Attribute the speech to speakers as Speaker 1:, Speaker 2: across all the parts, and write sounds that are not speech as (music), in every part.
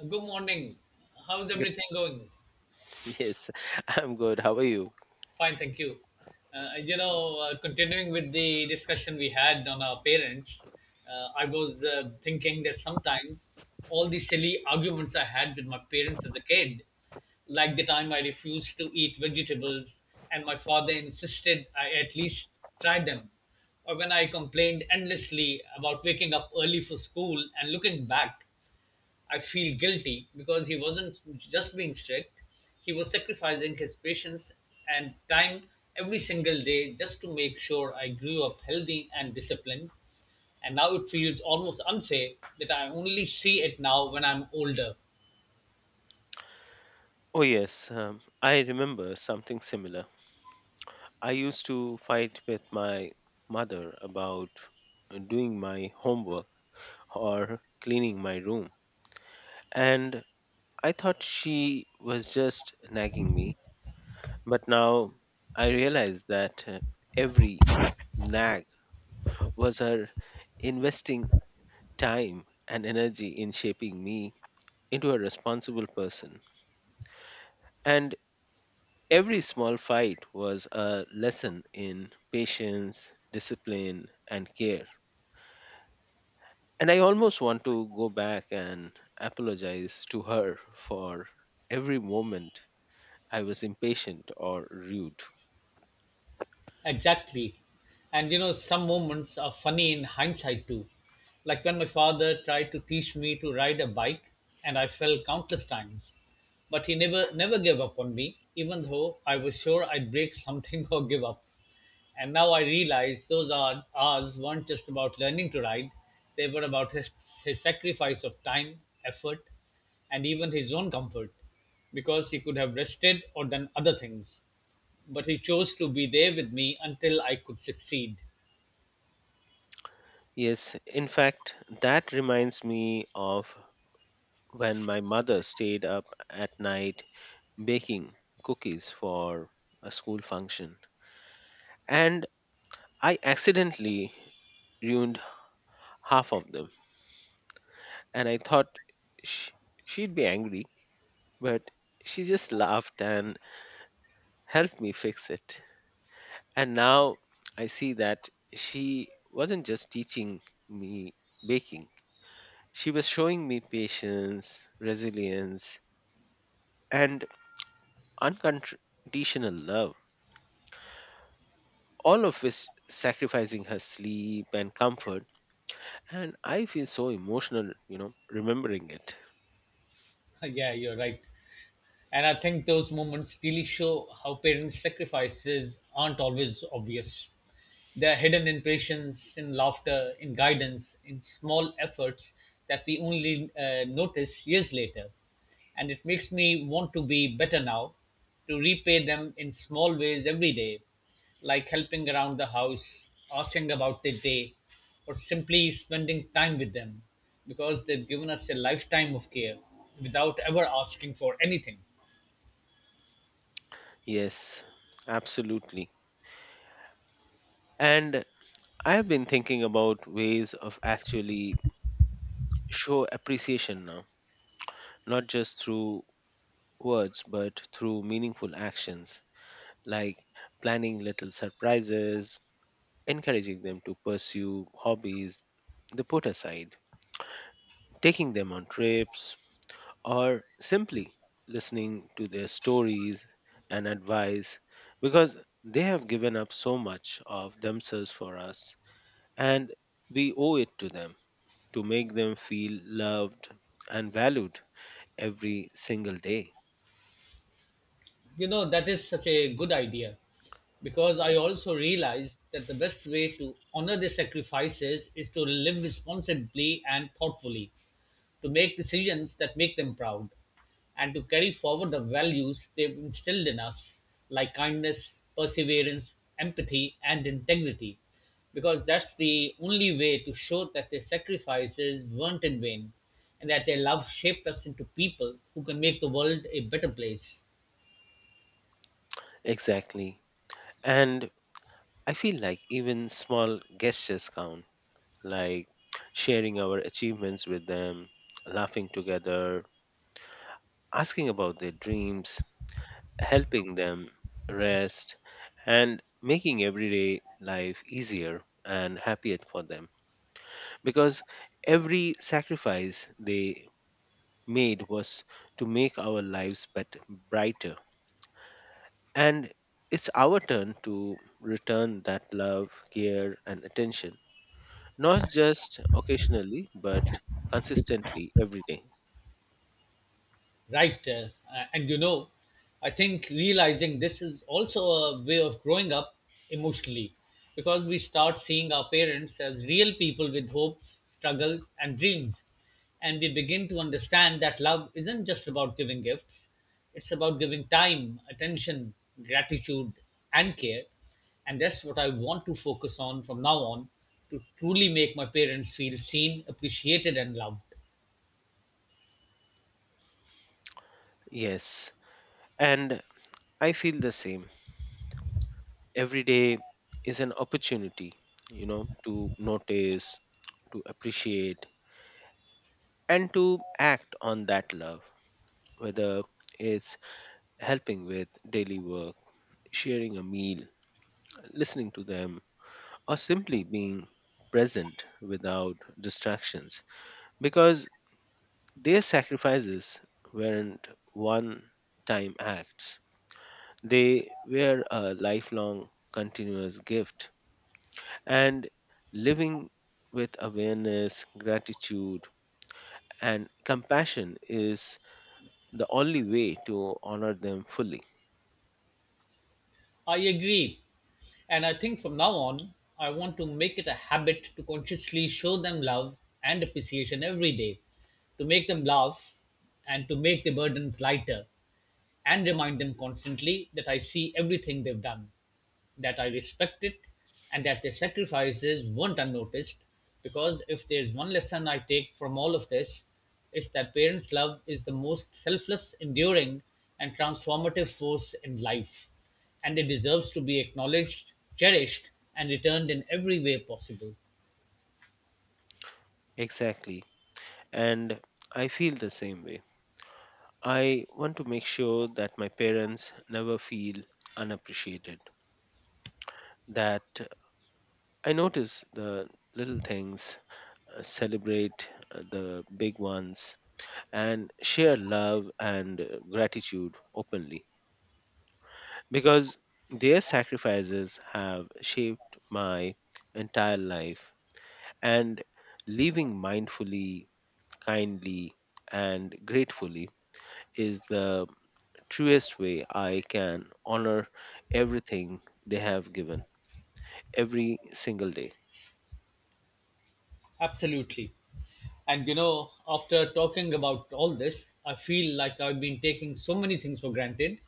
Speaker 1: Good morning. How's
Speaker 2: Good.
Speaker 1: everything going?
Speaker 2: (laughs) Yes, I'm good. How are you?
Speaker 1: Fine, thank you. Continuing with the discussion we had on our parents, I was thinking that sometimes all the silly arguments I had with my parents as a kid, like the time I refused to eat vegetables and my father insisted I at least try them, or when I complained endlessly about waking up early for school and looking back, I feel guilty because he wasn't just being strict, he was sacrificing his patience and time every single day just to make sure I grew up healthy and disciplined. And now it feels almost unfair that I only see it now when I'm older.
Speaker 2: Oh, yes. I remember something similar. I used to fight with my mother about doing my homework or cleaning my room. And I thought she was just nagging me. But now I realize that every nag was her investing time and energy in shaping me into a responsible person. And every small fight was a lesson in patience, discipline, and care. And I almost want to go back and apologize to her for every moment I was impatient or rude.
Speaker 1: Exactly. And you know, some moments are funny in hindsight too. Like when my father tried to teach me to ride a bike and I fell countless times. But he never gave up on me, even though I was sure I'd break something (laughs) or give up. And now I realize those hours weren't just about learning to ride, they were about his sacrifice of time, effort, and even his own comfort, because he could have rested or done other things. But he chose to be there with me until I could succeed.
Speaker 2: Yes, in fact, that reminds me of when my mother stayed up at night baking cookies for a school function. And I accidentally ruined half of them and I thought sh- she'd be angry, but she just laughed and helped me fix it. And now I see that she wasn't just teaching me baking, she was showing me patience, resilience, and unconditional love, all of which sacrificing her sleep and comfort. And I feel so emotional, remembering it.
Speaker 1: (laughs) Yeah, you're right. And I think those moments really show how parents' sacrifices aren't always obvious. They're hidden in patience, in laughter, in guidance, in small efforts that we only notice years later. And it makes me want to be better now, to repay them in small ways every day, like helping around the house, asking about their day, or simply spending time with them because they've given us a lifetime of care without ever asking for anything.
Speaker 2: Yes, absolutely. And I have been thinking about ways of actually show appreciation now, not just through words but through meaningful actions like planning little surprises, encouraging them to pursue hobbies they put aside, taking them on trips, or simply listening to their stories and advice because they have given up so much of themselves for us and we owe it to them to make them feel loved and valued every single day.
Speaker 1: You know, that is such a good idea because I also realized that the best way to honor the sacrifices is to live responsibly and thoughtfully, to make decisions that make them proud, and to carry forward the values they've instilled in us, like kindness, perseverance, empathy, and integrity, because that's the only way to show that their sacrifices weren't in vain and that their love shaped us into people who can make the world a better place.
Speaker 2: Exactly. And I feel like even small gestures count, like sharing our achievements with them, laughing together, asking about their dreams, helping them rest, and making everyday life easier and happier for them. Because every sacrifice they made was to make our lives better, brighter. And it's our turn to return that love, care, and attention, not just occasionally, but consistently every day.
Speaker 1: Right. And you know, I think realizing this is also a way of growing up emotionally because we start seeing our parents as real people with hopes, struggles, and dreams. And we begin to understand that love isn't just about giving gifts, it's about giving time, attention, gratitude, and care. And that's what I want to focus on from now on to truly make my parents feel seen, appreciated, and loved.
Speaker 2: Yes, and I feel the same. Every day is an opportunity, to notice, to appreciate, and to act on that love, whether it's helping with daily work, sharing a meal, listening to them, or simply being present without distractions, because their sacrifices weren't one time acts. They were a lifelong, continuous gift. And living with awareness, gratitude, and compassion is the only way to honor them fully.
Speaker 1: I agree. And I think from now on, I want to make it a habit to consciously show them love and appreciation every day, to make them laugh and to make the burdens lighter and remind them constantly that I see everything they've done, that I respect it, and that their sacrifices weren't unnoticed. Because if there's one lesson I take from all of this, it's that parents' love is the most selfless, enduring, and transformative force in life, and it deserves to be acknowledged, cherished, and returned in every way possible.
Speaker 2: Exactly. And I feel the same way. I want to make sure that my parents never feel unappreciated, that I notice the little things, celebrate the big ones, and share love and gratitude openly because their sacrifices have shaped my entire life, and living mindfully, kindly, and gratefully is the truest way I can honor everything they have given every single day.
Speaker 1: Absolutely. And you know, after talking about all this, I feel like I've been taking so many things for granted.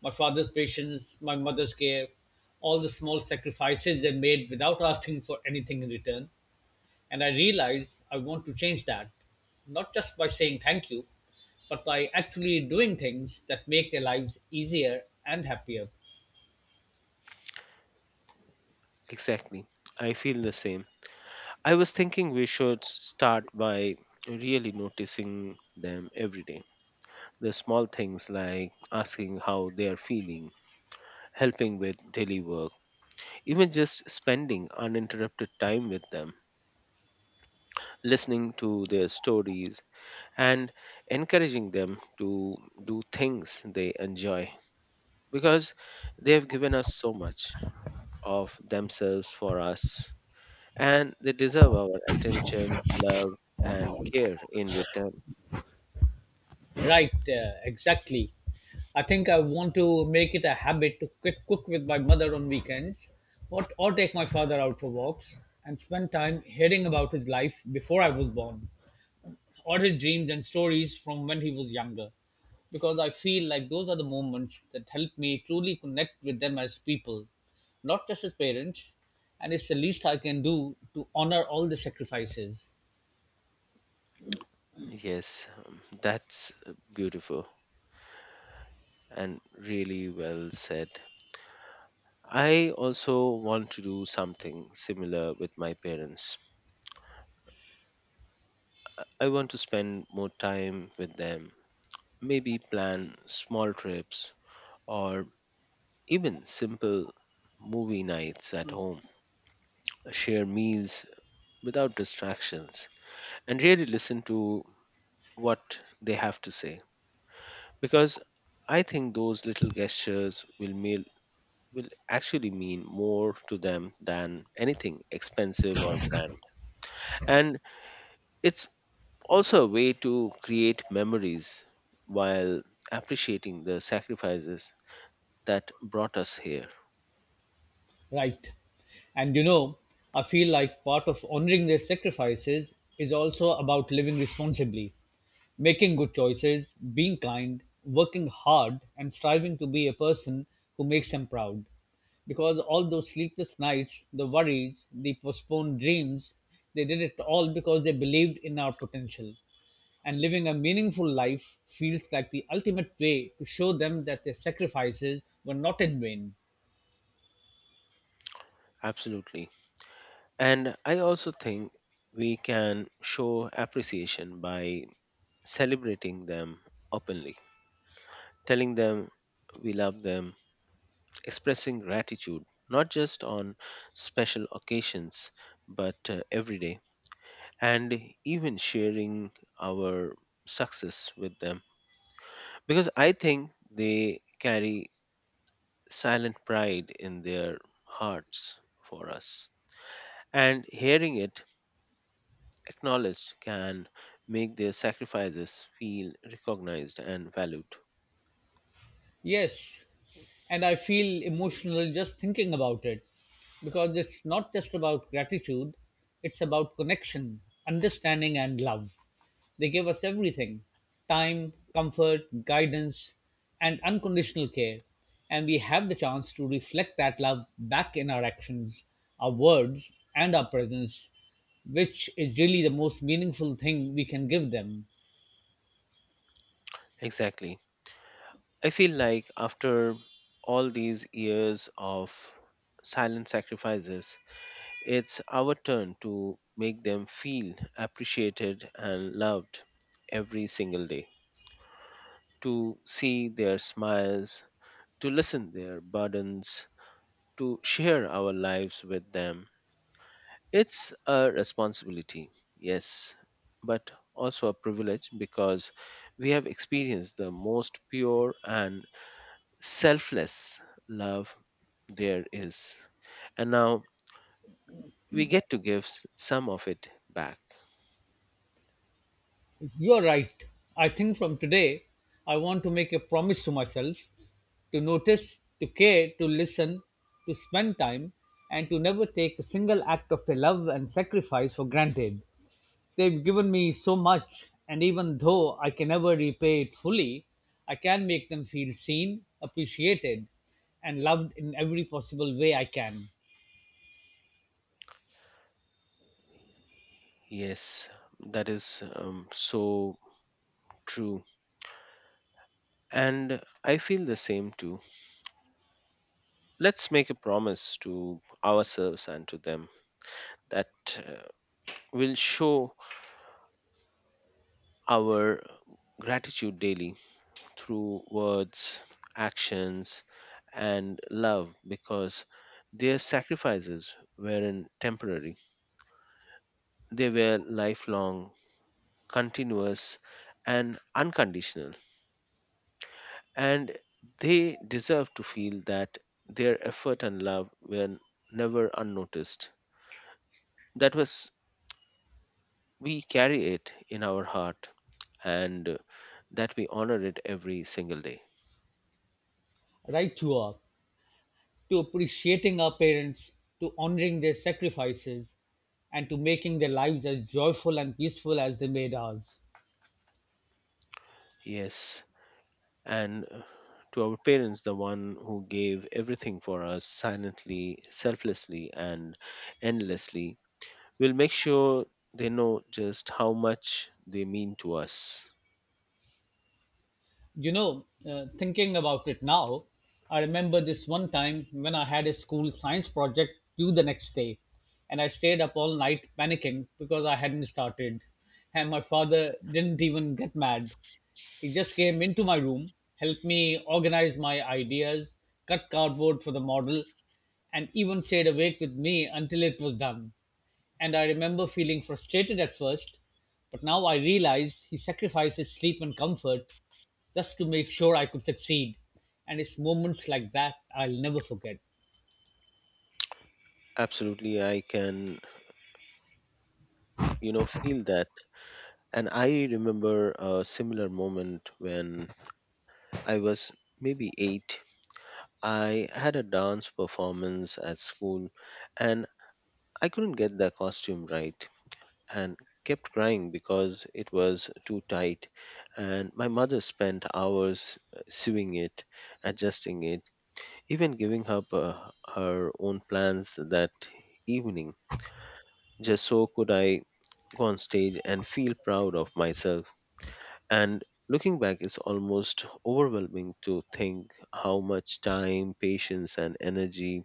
Speaker 1: My father's patience, my mother's care, all the small sacrifices they made without asking for anything in return. And I realize I want to change that, not just by saying thank you, but by actually doing things that make their lives easier and happier.
Speaker 2: Exactly, I feel the same. I was thinking we should start by really noticing them every day. The small things like asking how they are feeling, helping with daily work, even just spending uninterrupted time with them, listening to their stories, and encouraging them to do things they enjoy because they have given us so much of themselves for us and they deserve our attention, love, and care in return.
Speaker 1: Right, exactly. I think I want to make it a habit to quick cook with my mother on weekends or take my father out for walks and spend time hearing about his life before I was born or his dreams and stories from when he was younger. Because I feel like those are the moments that help me truly connect with them as people, not just as parents, and it's the least I can do to honor all the sacrifices.
Speaker 2: Yes, that's beautiful and really well said. I also want to do something similar with my parents. I want to spend more time with them, maybe plan small trips or even simple movie nights at home, share meals without distractions, and really listen to what they have to say. Because I think those little gestures will make will actually mean more to them than anything expensive or brand. And it's also a way to create memories while appreciating the sacrifices that brought us here.
Speaker 1: Right. And you know, I feel like part of honoring their sacrifices is also about living responsibly, making good choices, being kind, working hard, and striving to be a person who makes them proud. Because all those sleepless nights, the worries, the postponed dreams, they did it all because they believed in our potential. And living a meaningful life feels like the ultimate way to show them that their sacrifices were not in vain.
Speaker 2: Absolutely. And I also think we can show appreciation by celebrating them openly, telling them we love them, expressing gratitude, not just on special occasions, but every day, and even sharing our success with them because I think they carry silent pride in their hearts for us. And hearing it acknowledged can make their sacrifices feel recognized and valued.
Speaker 1: Yes, and I feel emotional just thinking about it because it's not just about gratitude, it's about connection, understanding, and love. They give us everything: time, comfort, guidance, and unconditional care. And we have the chance to reflect that love back in our actions, our words, and our presence, which is really the most meaningful thing we can give them.
Speaker 2: Exactly. I feel like after all these years of silent sacrifices, it's our turn to make them feel appreciated and loved every single day, to see their smiles, to listen their burdens, to share our lives with them. It's a responsibility, yes, but also a privilege because we have experienced the most pure and selfless love there is. And now we get to give some of it back.
Speaker 1: You're right. I think from today, I want to make a promise to myself to notice, to care, to listen, to spend time, and to never take a single act of their love and sacrifice for granted. They've given me so much, and even though I can never repay it fully, I can make them feel seen, appreciated, and loved in every possible way I can.
Speaker 2: Yes, that is so true. And I feel the same too. Let's make a promise to ourselves and to them that uh, will show our gratitude daily through words, actions, and love because their sacrifices weren't temporary, they were lifelong, continuous, and unconditional. And they deserve to feel that their effort and love were never unnoticed, that was we carry it in our heart, and that we honor it every single day.
Speaker 1: Right, you are. To appreciating our parents, to honoring their sacrifices, and to making their lives as joyful and peaceful as they made ours.
Speaker 2: Yes, and to our parents, the one who gave everything for us silently, selflessly, and endlessly, will make sure they know just how much they mean to us.
Speaker 1: Thinking about it now, I remember this one time when I had a school science project due the next day, and I stayed up all night panicking because I hadn't started. And my father didn't even get mad. He just came into my room, helped me organize my ideas, cut cardboard for the model, and even stayed awake with me until it was done. And I remember feeling frustrated at first, but now I realize he sacrificed his sleep and comfort just to make sure I could succeed. And it's moments like that I'll never forget.
Speaker 2: Absolutely, I can, feel that. And I remember a similar moment when I was maybe eight. I had a dance performance at school and I couldn't get the costume right and kept crying because it was too tight. And my mother spent hours, sewing it, adjusting it, even giving up her own plans that evening, just so could I go on stage and feel proud of myself. And looking back, it's almost overwhelming to think how much time, patience, and energy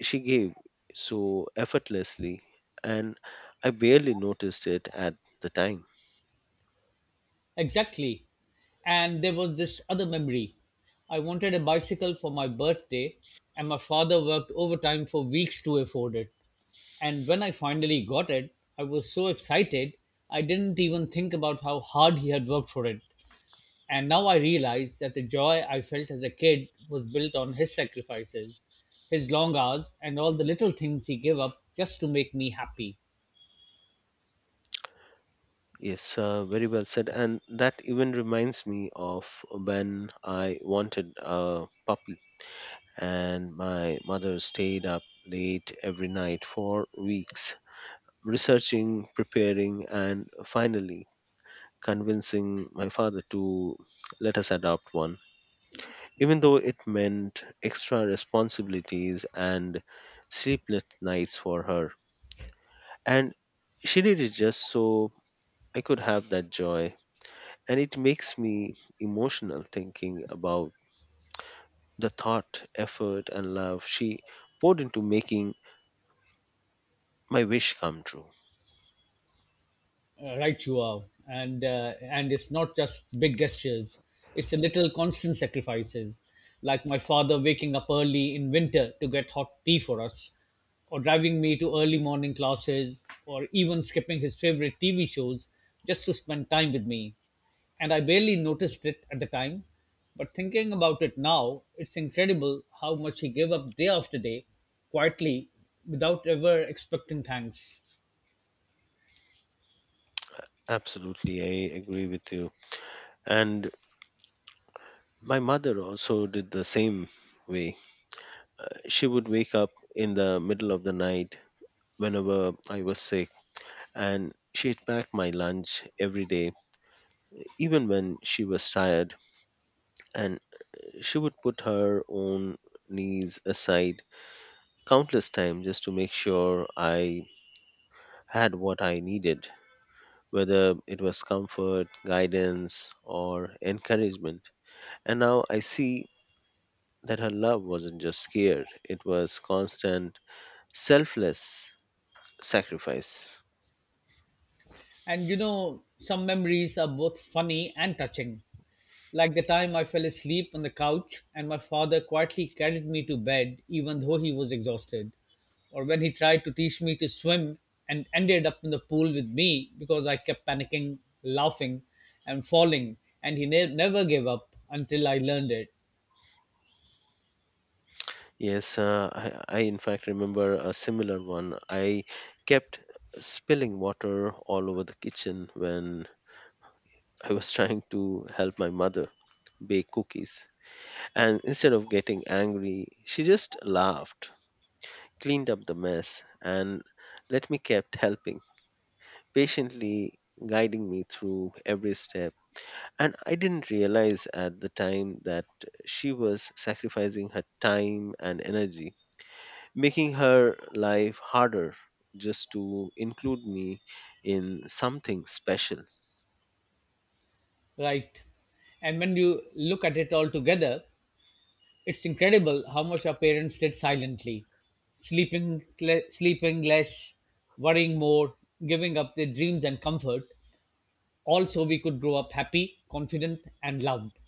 Speaker 2: she gave so effortlessly. And I barely noticed it at the time.
Speaker 1: Exactly. And there was this other memory. I wanted a bicycle for my birthday, and my father worked overtime for weeks to afford it. And when I finally got it, I was so excited, I didn't even think about how hard he had worked for it. And now I realize that the joy I felt as a kid was built on his sacrifices, his long hours, and all the little things he gave up just to make me happy.
Speaker 2: Yes, very well said. And that even reminds me of when I wanted a puppy, and my mother stayed up late every night for weeks, researching, preparing, and finally convincing my father to let us adopt one, even though it meant extra responsibilities and sleepless nights for her. And she did it just so I could have that joy. And it makes me emotional thinking about the thought, effort, and love she poured into making my wish come true.
Speaker 1: Right you are. And it's not just big gestures, it's a little constant sacrifices, like my father waking up early in winter to get hot tea for us or driving me to early morning classes or even skipping his favorite TV shows just to spend time with me. And I barely noticed it at the time, but thinking about it now, it's incredible how much he gave up day after day, quietly, without ever expecting thanks.
Speaker 2: Absolutely, I agree with you. And my mother also did the same way. She would wake up in the middle of the night whenever I was sick, and she'd pack my lunch every day, even when she was tired. And she would put her own needs aside countless times just to make sure I had what I needed, whether it was comfort, guidance, or encouragement. And now I see that her love wasn't just care, it was constant, selfless sacrifice.
Speaker 1: And you know, some memories are both funny and touching. Like the time I fell asleep on the couch and my father quietly carried me to bed even though he was exhausted. Or when he tried to teach me to swim and ended up in the pool with me because I kept panicking, laughing, and falling. And he never gave up until I learned it,
Speaker 2: Yes, uh, I in fact remember a similar one. I kept spilling water all over the kitchen when I was (laughs) trying to help my mother bake cookies. And instead of getting angry, she just laughed, cleaned up the mess, and let me kept helping, patiently guiding me through every step. And I didn't realize at the time that she was sacrificing her time and energy, making her life harder just to include me in something special.
Speaker 1: right? And when you look at it all together, it's incredible how much our parents did silently, sleeping, sleeping less, worrying more, giving up their dreams and comfort, all so we could grow up happy, confident, and loved.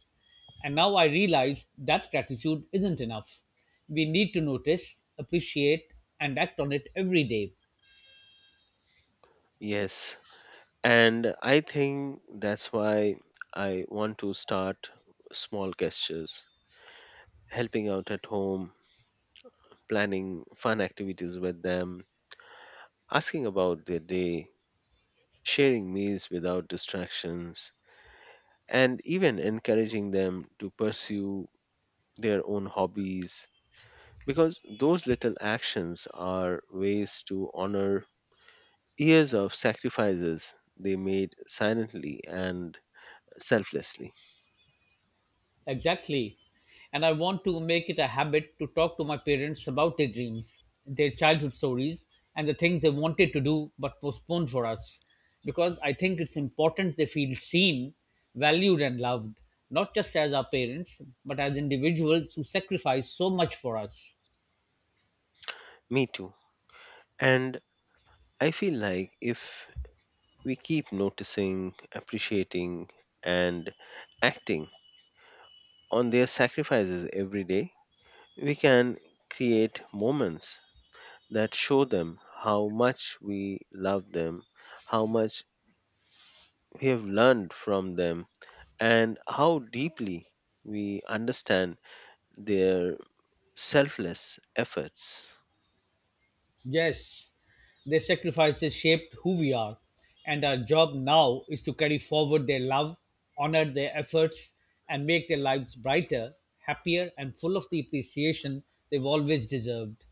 Speaker 1: And now I realize that gratitude isn't enough. We need to notice, appreciate, and act on it every day.
Speaker 2: Yes. And I think that's why I want to start small gestures, helping out at home, planning fun activities with them, asking about their day, sharing meals without distractions, and even encouraging them to pursue their own hobbies. Because those little actions are ways to honor years of sacrifices they made silently and selflessly.
Speaker 1: Exactly. And I want to make it a habit to talk to my parents about their dreams, their childhood stories, and the things they wanted to do but postponed for us. Because I think it's important they feel seen, valued, and loved, not just as our parents, but as individuals who sacrificed so much for us.
Speaker 2: Me too. And I feel like if we keep noticing, appreciating, and acting on their sacrifices every day, we can create moments that show them how much we love them, how much we have learned from them, and how deeply we understand their selfless efforts.
Speaker 1: Yes, their sacrifices shaped who we are, and our job now is to carry forward their love, honor their efforts, and make their lives brighter, happier, and full of the appreciation they've always deserved.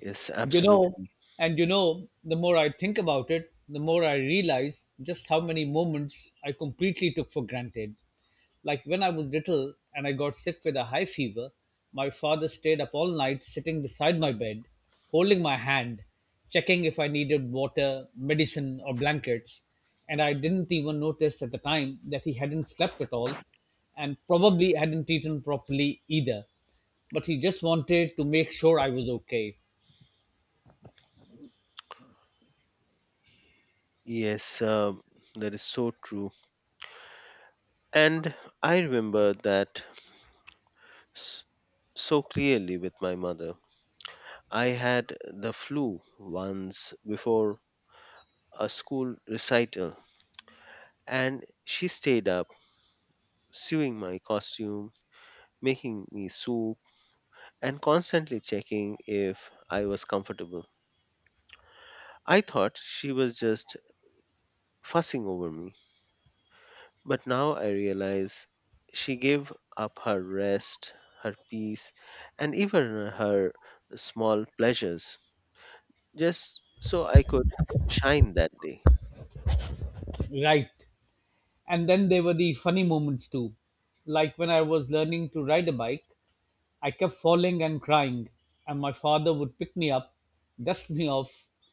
Speaker 2: Yes,
Speaker 1: You know,
Speaker 2: absolutely.
Speaker 1: you know, the more I think about it, the more I realize just how many moments I completely took for granted. Like when I was little and I got sick with a high fever, my father stayed up all night sitting beside my bed, holding my hand, checking if I needed water, medicine, or blankets. And I didn't even notice at the time that he hadn't slept at all and probably hadn't eaten properly either. But he just wanted to make sure I was okay.
Speaker 2: Yes, that is so true. And I remember that s- so clearly with my mother. I had the flu once before a school recital, and she stayed up sewing my costume, making me soup, and constantly checking if I was comfortable. I thought she was just fussing over me, but now I realize she gave up her rest, her peace, and even her small pleasures just so I could shine that day.
Speaker 1: Right. And then there were the funny moments too. Like when I was learning to ride a bike, I kept falling and crying, and my father would pick me up, dust me off,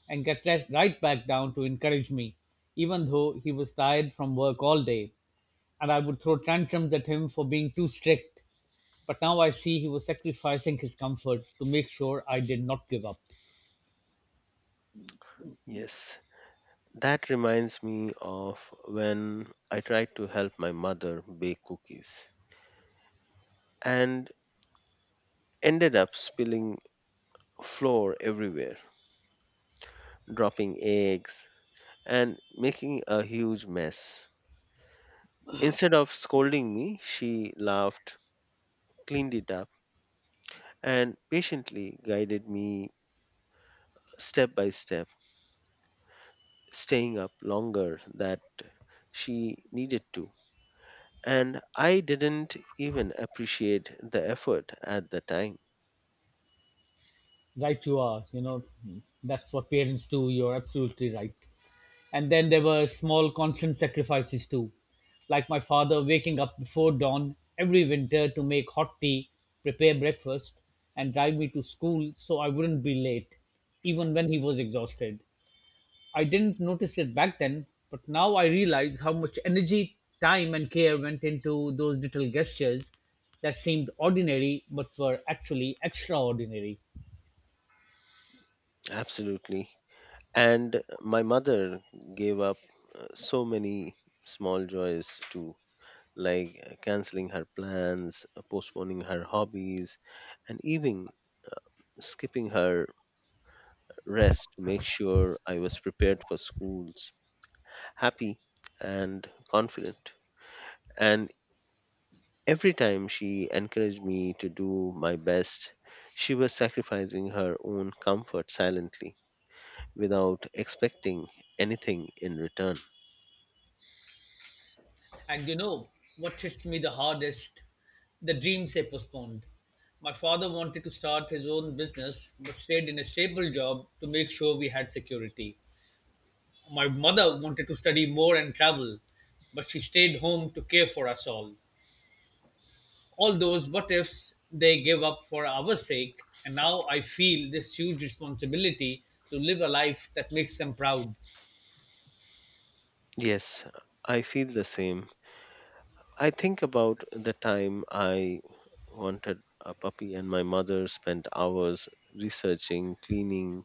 Speaker 1: and get right back down to encourage me, even though he was tired from work all day. And I would throw tantrums at him for being too strict. But now I see he was sacrificing his comfort to make sure I did not give up.
Speaker 2: Yes, that reminds me of when I tried to help my mother bake cookies and ended up spilling flour everywhere, dropping eggs, and making a huge mess. Instead of scolding me, she laughed, cleaned it up and patiently guided me step by step, staying up longer that she needed to. And I didn't even appreciate the effort at the time.
Speaker 1: Right, you are. You know, that's what parents do. You're absolutely right. And then there were small, constant sacrifices too, like my father waking up before dawn every winter to make hot tea, prepare breakfast, and drive me to school so I wouldn't be late, even when he was exhausted. I didn't notice it back then, but now I realize how much energy, time, and care went into those little gestures that seemed ordinary but were actually extraordinary.
Speaker 2: Absolutely. And my mother gave up so many small joys too, like canceling her plans, postponing her hobbies, and even skipping her rest to make sure I was prepared for schools, happy, and confident. And every time she encouraged me to do my best, she was sacrificing her own comfort silently without expecting anything in return.
Speaker 1: And you know what hits me the hardest? The dreams they postponed. My father wanted to start his own business but stayed in a stable job to make sure we had security. My mother wanted to study more and travel, but she stayed home to care for us all. All those what ifs they gave up for our sake, and now I feel this huge responsibility to live a life that makes them proud.
Speaker 2: Yes, I feel the same. I think about the time I wanted a puppy, and my mother spent hours researching, cleaning,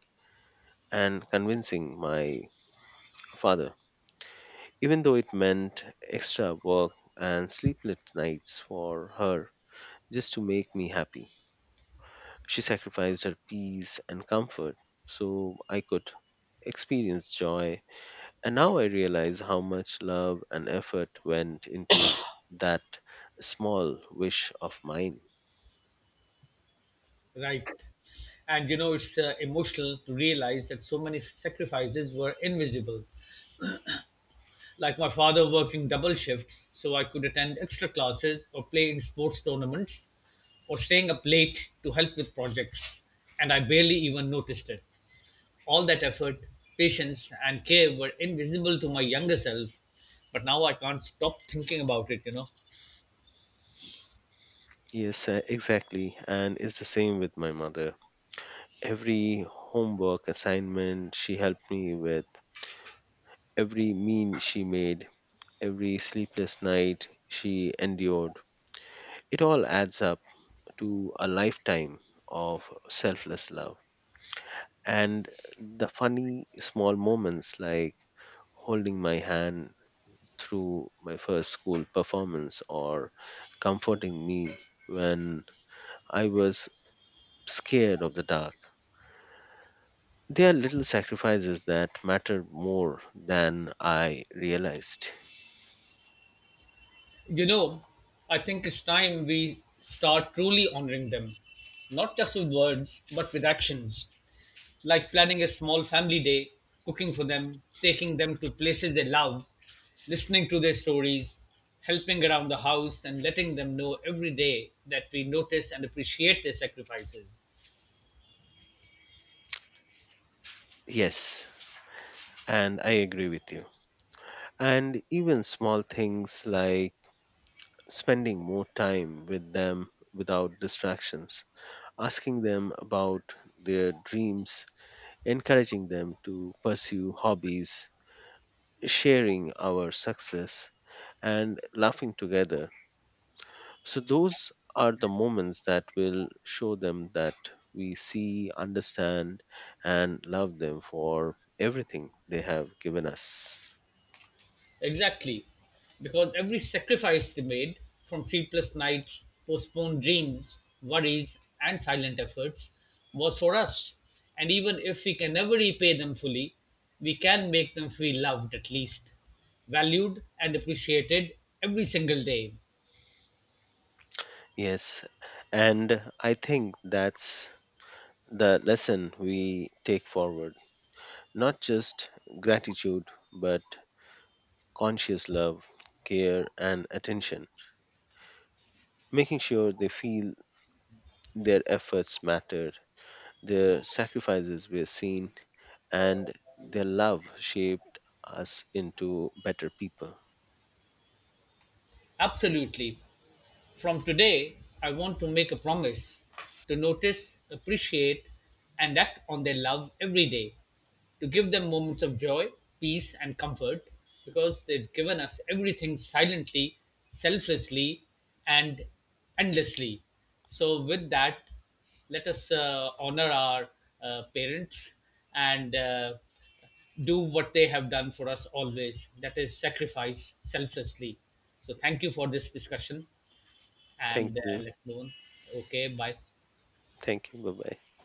Speaker 2: and convincing my father even though it meant extra work and sleepless nights for her just to make me happy. She sacrificed her peace and comfort so I could experience joy. And now I realize how much love and effort went into that small wish of mine.
Speaker 1: Right. And you know, it's emotional to realize that so many sacrifices were invisible. Like my father working double shifts so I could attend extra classes or play in sports tournaments or staying up late to help with projects. And I barely even noticed it. All that effort, patience, and care were invisible to my younger self. But now I can't stop thinking about it, you know.
Speaker 2: Yes, exactly. And it's the same with my mother. Every homework assignment she helped me with, every meal she made, every sleepless night she endured. It all adds up to a lifetime of selfless love. And the funny small moments like holding my hand through my first school performance or comforting me when I was scared of the dark. They are little sacrifices that matter more than I realized.
Speaker 1: You know, I think it's time we start truly honoring them, not just with words, but with actions, like planning a small family day, cooking for them, taking them to places they love, listening to their stories, helping around the house, and letting them know every day that we notice and appreciate their sacrifices.
Speaker 2: Yes, and I agree with you. And even small things like spending more time with them without distractions, asking them about their dreams, encouraging them to pursue hobbies, sharing our success, and laughing together. So, those are the moments that will show them that we see, understand, and love them for everything they have given us.
Speaker 1: Exactly, because every sacrifice they made, from sleepless nights, postponed dreams, worries, and silent efforts, was for us. And even if we can never repay them fully, we can make them feel loved at least, valued, and appreciated every single day.
Speaker 2: Yes, and I think that's the lesson we take forward. Not just gratitude, but conscious love, care, and attention, making sure they feel their efforts mattered, their sacrifices were seen, and their love shaped us into better people.
Speaker 1: Absolutely. From today, I want to make a promise to notice, appreciate, and act on their love every day, to give them moments of joy, peace, and comfort because they've given us everything silently, selflessly, and endlessly. So, with that, let us honor our parents and do what they have done for us always, that is, sacrifice selflessly. So, thank you for this discussion
Speaker 2: Thank
Speaker 1: and
Speaker 2: you.
Speaker 1: let alone. Okay, bye.
Speaker 2: Thank you. Bye bye.